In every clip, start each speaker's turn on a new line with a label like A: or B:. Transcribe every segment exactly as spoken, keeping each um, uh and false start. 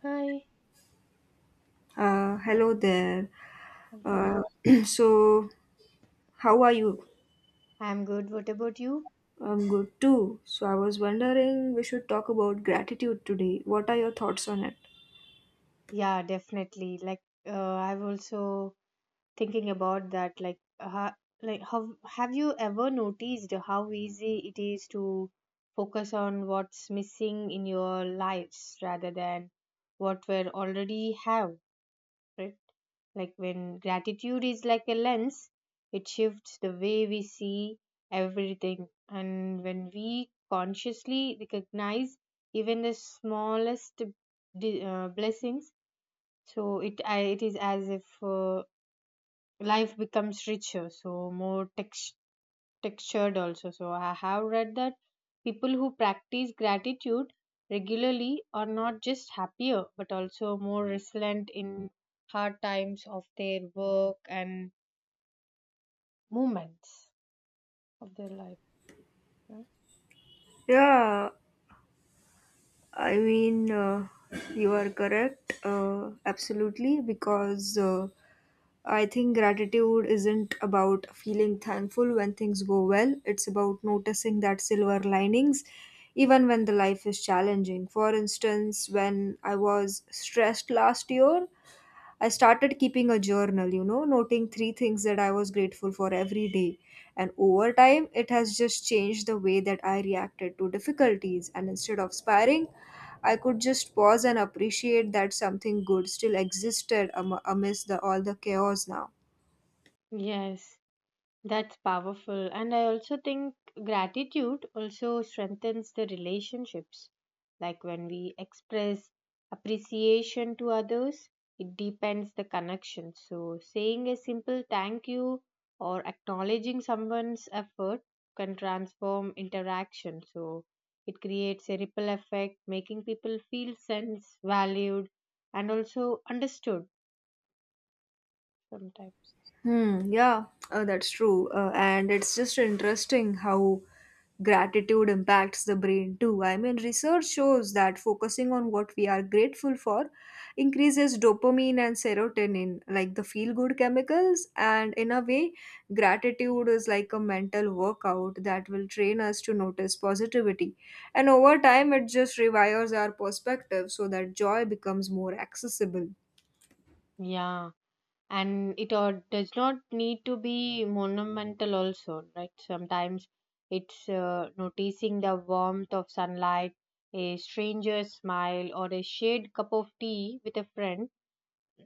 A: Hi.
B: Uh, hello there.
A: Hello.
B: Uh, so, how are you?
A: I'm good. What about you?
B: I'm good too. So, I was wondering we should talk about gratitude today. What are your thoughts on it?
A: Yeah, definitely. Like, uh, I've also thinking about that. Like, ha like, how have you ever noticed how easy it is to focus on what's missing in your lives rather than what we already have, right? Like when gratitude is like a lens, it shifts the way we see everything. And when we consciously recognize even the smallest di- uh, blessings, so it I it is as if uh, life becomes richer, so more textured textured also. So I have read that people who practice gratitude regularly are not just happier but also more resilient in hard times of their work and moments of their life, right?
B: Yeah, I mean, uh, you are correct, uh, absolutely, because uh, I think gratitude isn't about feeling thankful when things go well, it's about noticing that silver linings even when the life is challenging. For instance, when I was stressed last year, I started keeping a journal, you know, noting three things that I was grateful for every day. And over time, it has just changed the way that I reacted to difficulties. And instead of spiraling, I could just pause and appreciate that something good still existed am- amidst the, all the chaos now.
A: Yes, that's powerful. And I also think gratitude also strengthens the relationships. Like when we express appreciation to others, it deepens the connection. So saying a simple thank you or acknowledging someone's effort can transform interaction. So it creates a ripple effect, making people feel sense valued and also understood sometimes.
B: Hmm, yeah, uh, that's true. Uh, and it's just interesting how gratitude impacts the brain too. I mean, research shows that focusing on what we are grateful for increases dopamine and serotonin, like the feel good chemicals. And in a way, gratitude is like a mental workout that will train us to notice positivity. And over time, it just rewires our perspective so that joy becomes more accessible.
A: Yeah. And it or does not need to be monumental also, right? Sometimes it's uh, noticing the warmth of sunlight, a stranger's smile, or a shared cup of tea with a friend.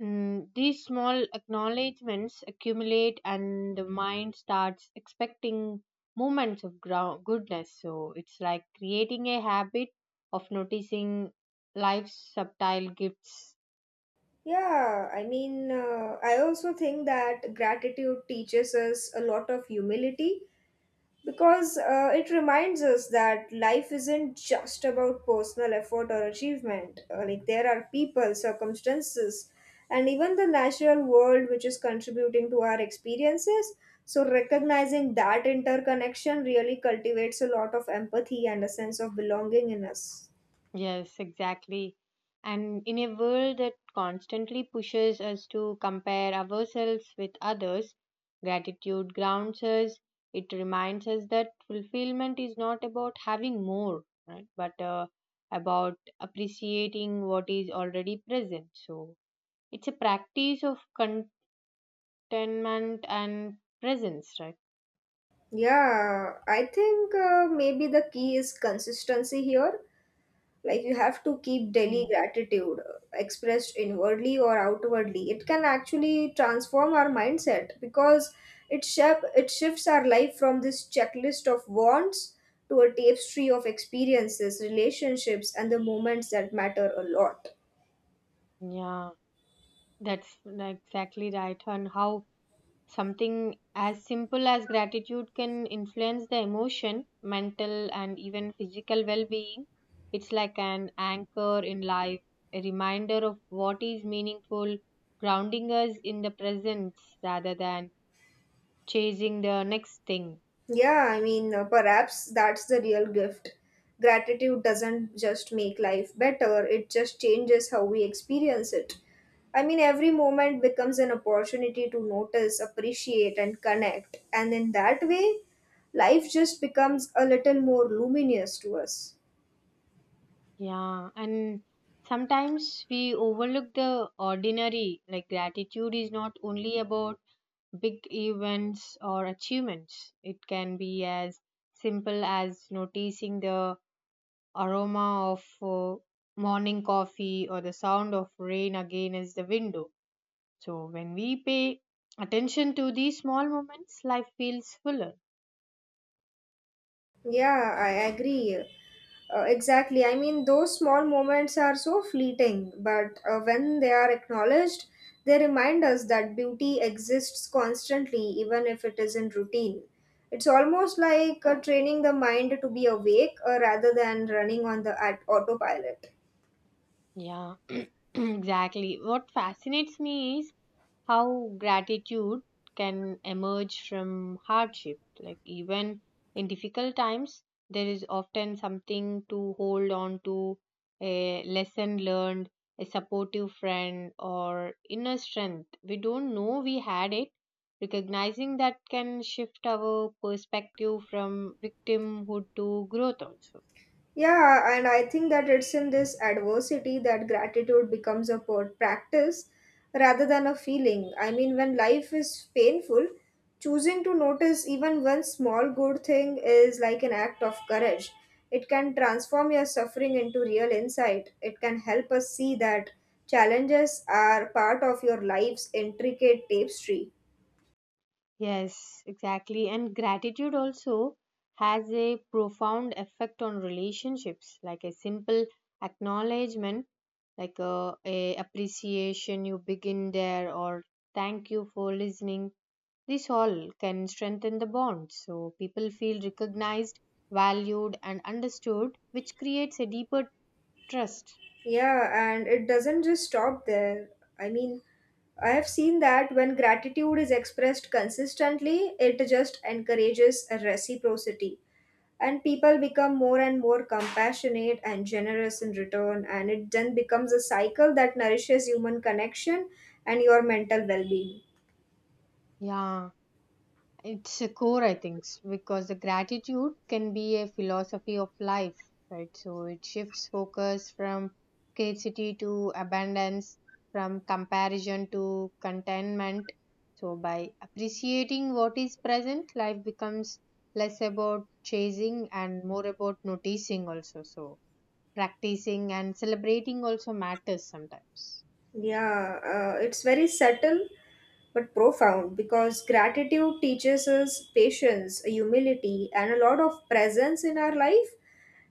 A: Mm, these small acknowledgments accumulate and the mind starts expecting moments of ground goodness. So it's like creating a habit of noticing life's subtle gifts.
B: Yeah, I mean, uh, I also think that gratitude teaches us a lot of humility because uh, it reminds us that life isn't just about personal effort or achievement. Uh, like, there are people, circumstances, and even the natural world which is contributing to our experiences. So, recognizing that interconnection really cultivates a lot of empathy and a sense of belonging in us.
A: Yes, exactly. And in a world that constantly pushes us to compare ourselves with others, gratitude grounds us. It reminds us that fulfillment is not about having more, right? But uh, about appreciating what is already present. So it's a practice of contentment and presence, right?
B: Yeah, I think uh, maybe the key is consistency here. Like you have to keep daily
A: Mm.
B: gratitude uh, expressed inwardly or outwardly. It can actually transform our mindset because it shape it shifts our life from this checklist of wants to a tapestry of experiences, relationships, and the moments that matter a lot.
A: Yeah, that's exactly right. And how something as simple as gratitude can influence the emotion, mental, and even physical well being. It's like an anchor in life, a reminder of what is meaningful, grounding us in the presence rather than chasing the next thing.
B: Yeah, I mean, uh, perhaps that's the real gift. Gratitude doesn't just make life better, it just changes how we experience it. I mean, every moment becomes an opportunity to notice, appreciate, and connect. And in that way, life just becomes a little more luminous to us.
A: Yeah, and sometimes we overlook the ordinary, like gratitude is not only about big events or achievements. It can be as simple as noticing the aroma of uh, morning coffee or the sound of rain against the window. So, when we pay attention to these small moments, life feels fuller.
B: Yeah, I agree. Uh, exactly. I mean, those small moments are so fleeting, but uh, when they are acknowledged, they remind us that beauty exists constantly, even if it is in routine. It's almost like uh, training the mind to be awake uh, rather than running on the at- autopilot.
A: Yeah, exactly. What fascinates me is how gratitude can emerge from hardship. Like, even in difficult times, there is often something to hold on to, a lesson learned, a supportive friend, or inner strength. We don't know we had it. Recognizing that can shift our perspective from victimhood to growth also.
B: Yeah, and I think that it's in this adversity that gratitude becomes a per- practice rather than a feeling. I mean, when life is painful, choosing to notice even one small good thing is like an act of courage. It can transform your suffering into real insight. It can help us see that challenges are part of your life's intricate tapestry.
A: Yes, exactly. And gratitude also has a profound effect on relationships, like a simple acknowledgement, like a, a appreciation you begin there, or thank you for listening. This all can strengthen the bond. So people feel recognized, valued, and understood, which creates a deeper trust.
B: Yeah, and it doesn't just stop there. I mean, I have seen that when gratitude is expressed consistently, it just encourages a reciprocity and people become more and more compassionate and generous in return and it then becomes a cycle that nourishes human connection and your mental well-being.
A: Yeah. It's a core, I think, s- because the gratitude can be a philosophy of life, right? So it shifts focus from scarcity to abundance, from comparison to contentment. So by appreciating what is present, life becomes less about chasing and more about noticing also. So practicing and celebrating also matters sometimes.
B: Yeah, uh, it's very subtle but profound because gratitude teaches us patience, humility, and a lot of presence in our life.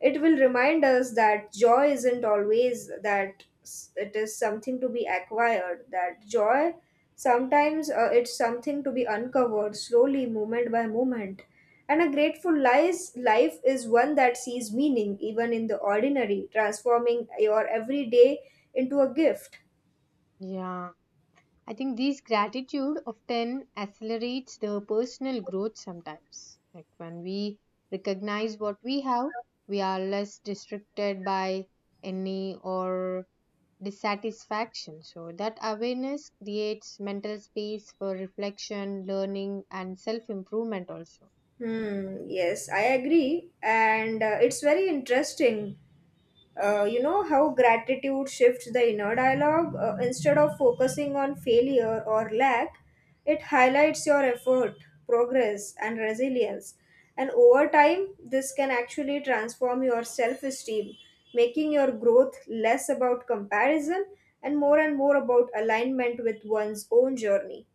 B: It will remind us that joy isn't always that s- it is something to be acquired, that joy sometimes uh, it's something to be uncovered slowly, moment by moment. And a grateful lies, life is one that sees meaning even in the ordinary, transforming your everyday into a gift.
A: Yeah, I think these gratitude often accelerates the personal growth sometimes. Like when we recognize what we have, we are less distracted by any or dissatisfaction. So that awareness creates mental space for reflection, learning, and self-improvement also.
B: Hmm, yes, I agree. And uh, it's very interesting, uh, you know, how gratitude shifts the inner dialogue. Uh, instead of focusing on failure or lack, it highlights your effort, progress, and resilience. And over time, this can actually transform your self esteem, making your growth less about comparison and more and more about alignment with one's own journey.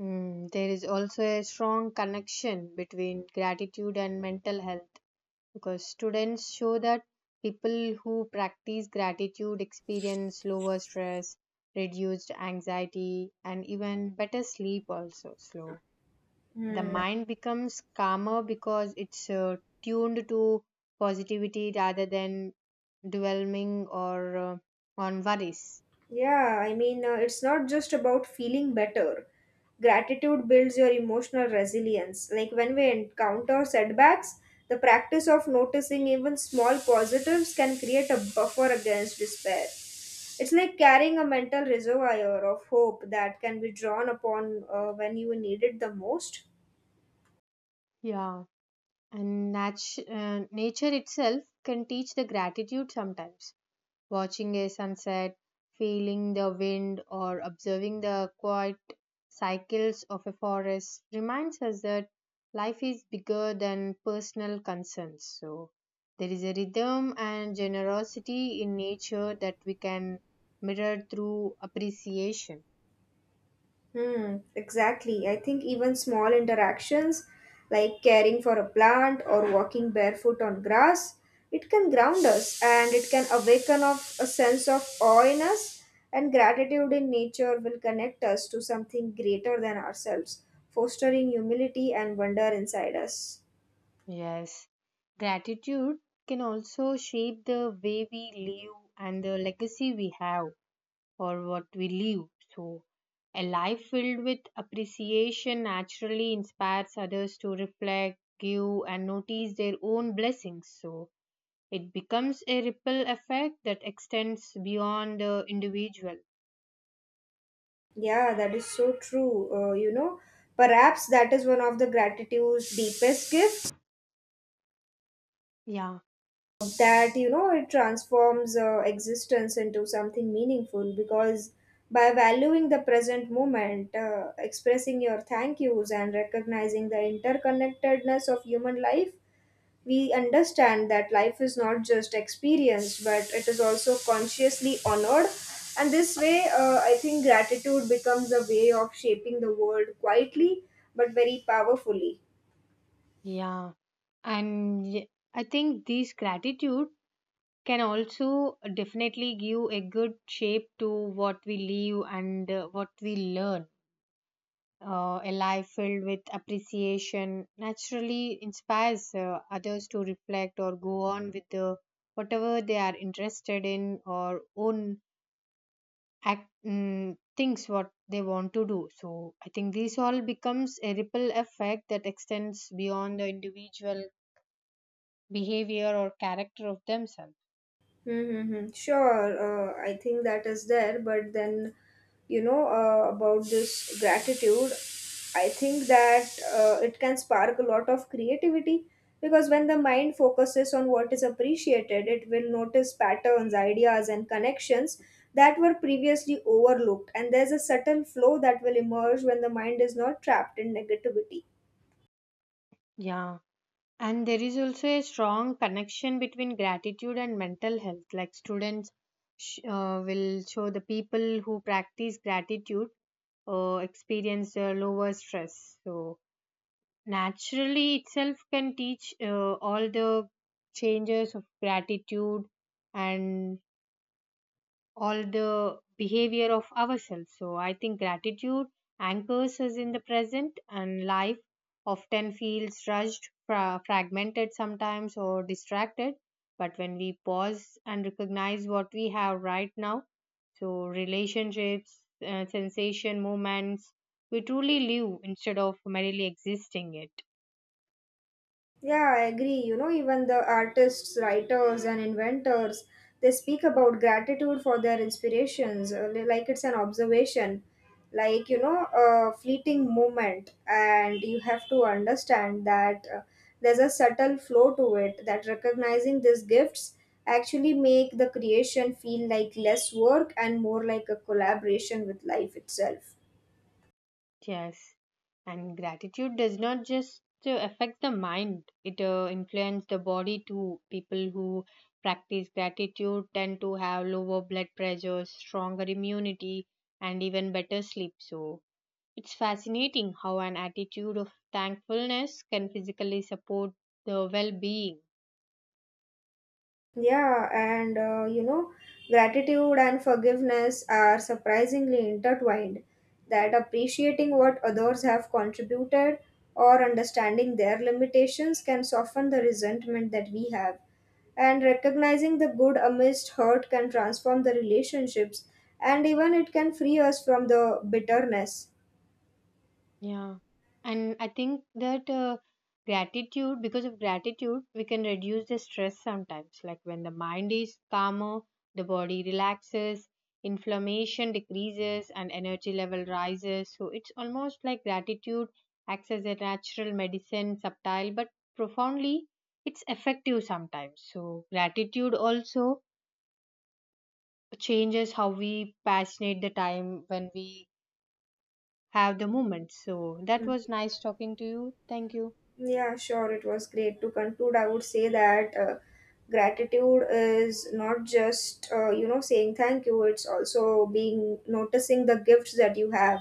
A: Mm, there is also a strong connection between gratitude and mental health because students show that people who practice gratitude experience lower stress, reduced anxiety, and even better sleep also. Slow, the
B: Hmm.
A: mind becomes calmer because it's uh, tuned to positivity rather than dwelling or uh, on worries.
B: Yeah, I mean, uh, it's not just about feeling better. Gratitude builds your emotional resilience. Like when we encounter setbacks, the practice of noticing even small positives can create a buffer against despair. It's like carrying a mental reservoir of hope that can be drawn upon uh, when you need it the most.
A: Yeah. And natu- uh, nature itself can teach the gratitude sometimes, watching a sunset, feeling the wind, or observing the quiet cycles of a forest reminds us that life is bigger than personal concerns. So, there is a rhythm and generosity in nature that we can mirror through appreciation.
B: Hmm, exactly. I think even small interactions like caring for a plant or walking barefoot on grass, it can ground us and it can awaken of a sense of awe in us and gratitude in nature will connect us to something greater than ourselves, fostering humility and wonder inside us.
A: Yes, gratitude can also shape the way we live and the legacy we have for what we live. So, a life filled with appreciation naturally inspires others to reflect, give, and notice their own blessings. So, it becomes a ripple effect that extends beyond the individual.
B: Yeah, that is so true. Uh, you know, perhaps that is one of the gratitude's deepest gifts
A: Yeah,
B: that you know it transforms uh, existence into something meaningful because by valuing the present moment uh, expressing your thank yous and recognizing the interconnectedness of human life we understand that life is not just experienced but it is also consciously honored and this way uh, I think gratitude becomes a way of shaping the world quietly but very powerfully.
A: yeah. And y- I think this gratitude can also definitely give a good shape to what we live and uh, what we learn. Uh, a life filled with appreciation naturally inspires uh, others to reflect or go on with the, whatever they are interested in or own act, mm, things what they want to do. So I think this all becomes a ripple effect that extends beyond the individual behavior or character of themselves.
B: Mm-hmm. Sure, uh, I think that is there, but then, you know, uh, about this gratitude, I think that uh, it can spark a lot of creativity because when the mind focuses on what is appreciated, it will notice patterns, ideas, and connections that were previously overlooked. And there's a subtle flow that will emerge when the mind is not trapped in negativity.
A: Yeah. And there is also a strong connection between gratitude and mental health. Like students sh- uh, will show the people who practice gratitude uh, experience uh, lower stress. So, naturally, itself can teach uh, all the changes of gratitude and all the behavior of ourselves. So I think gratitude anchors us in the present, and life often feels rushed, fra- fragmented sometimes, or distracted. But when we pause and recognize what we have right now, so relationships, uh, sensation, moments, we truly live instead of merely existing it.
B: Yeah, I agree. You know, even the artists, writers, and inventors, they speak about gratitude for their inspirations, uh, li- like it's an observation, like, you know, a fleeting moment. And you have to understand that uh, there's a subtle flow to it, that recognizing these gifts actually make the creation feel like less work and more like a collaboration with life itself.
A: Yes, and gratitude does not just uh, affect the mind, it uh, influences the body too. People who practice gratitude tend to have lower blood pressure, stronger immunity, and even better sleep. So, it's fascinating how an attitude of thankfulness can physically support the well being.
B: Yeah, and uh, you know, gratitude and forgiveness are surprisingly intertwined. That appreciating what others have contributed or understanding their limitations can soften the resentment that we have. And recognizing the good amidst hurt can transform the relationships, and even it can free us from the bitterness.
A: Yeah, and I think that uh, gratitude, because of gratitude, we can reduce the stress sometimes. Like when the mind is calmer, the body relaxes, inflammation decreases, and energy level rises. So it's almost like gratitude acts as a natural medicine, subtle but profoundly, it's effective sometimes. So gratitude also changes how we passionate the time when we have the moment. So that
B: Hmm.
A: was nice talking to you. Thank you.
B: Yeah, sure. It was great. To conclude, I would say that uh, gratitude is not just, uh, you know, saying thank you, it's also being noticing the gifts that you have,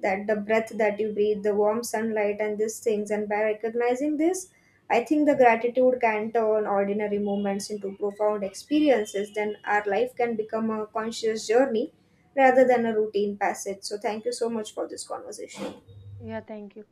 B: that the breath that you breathe, the warm sunlight, and these things. And by recognizing this, I think the gratitude can turn ordinary moments into profound experiences. Then our life can become a conscious journey rather than a routine passage. So, thank you so much for this conversation.
A: Yeah, thank you.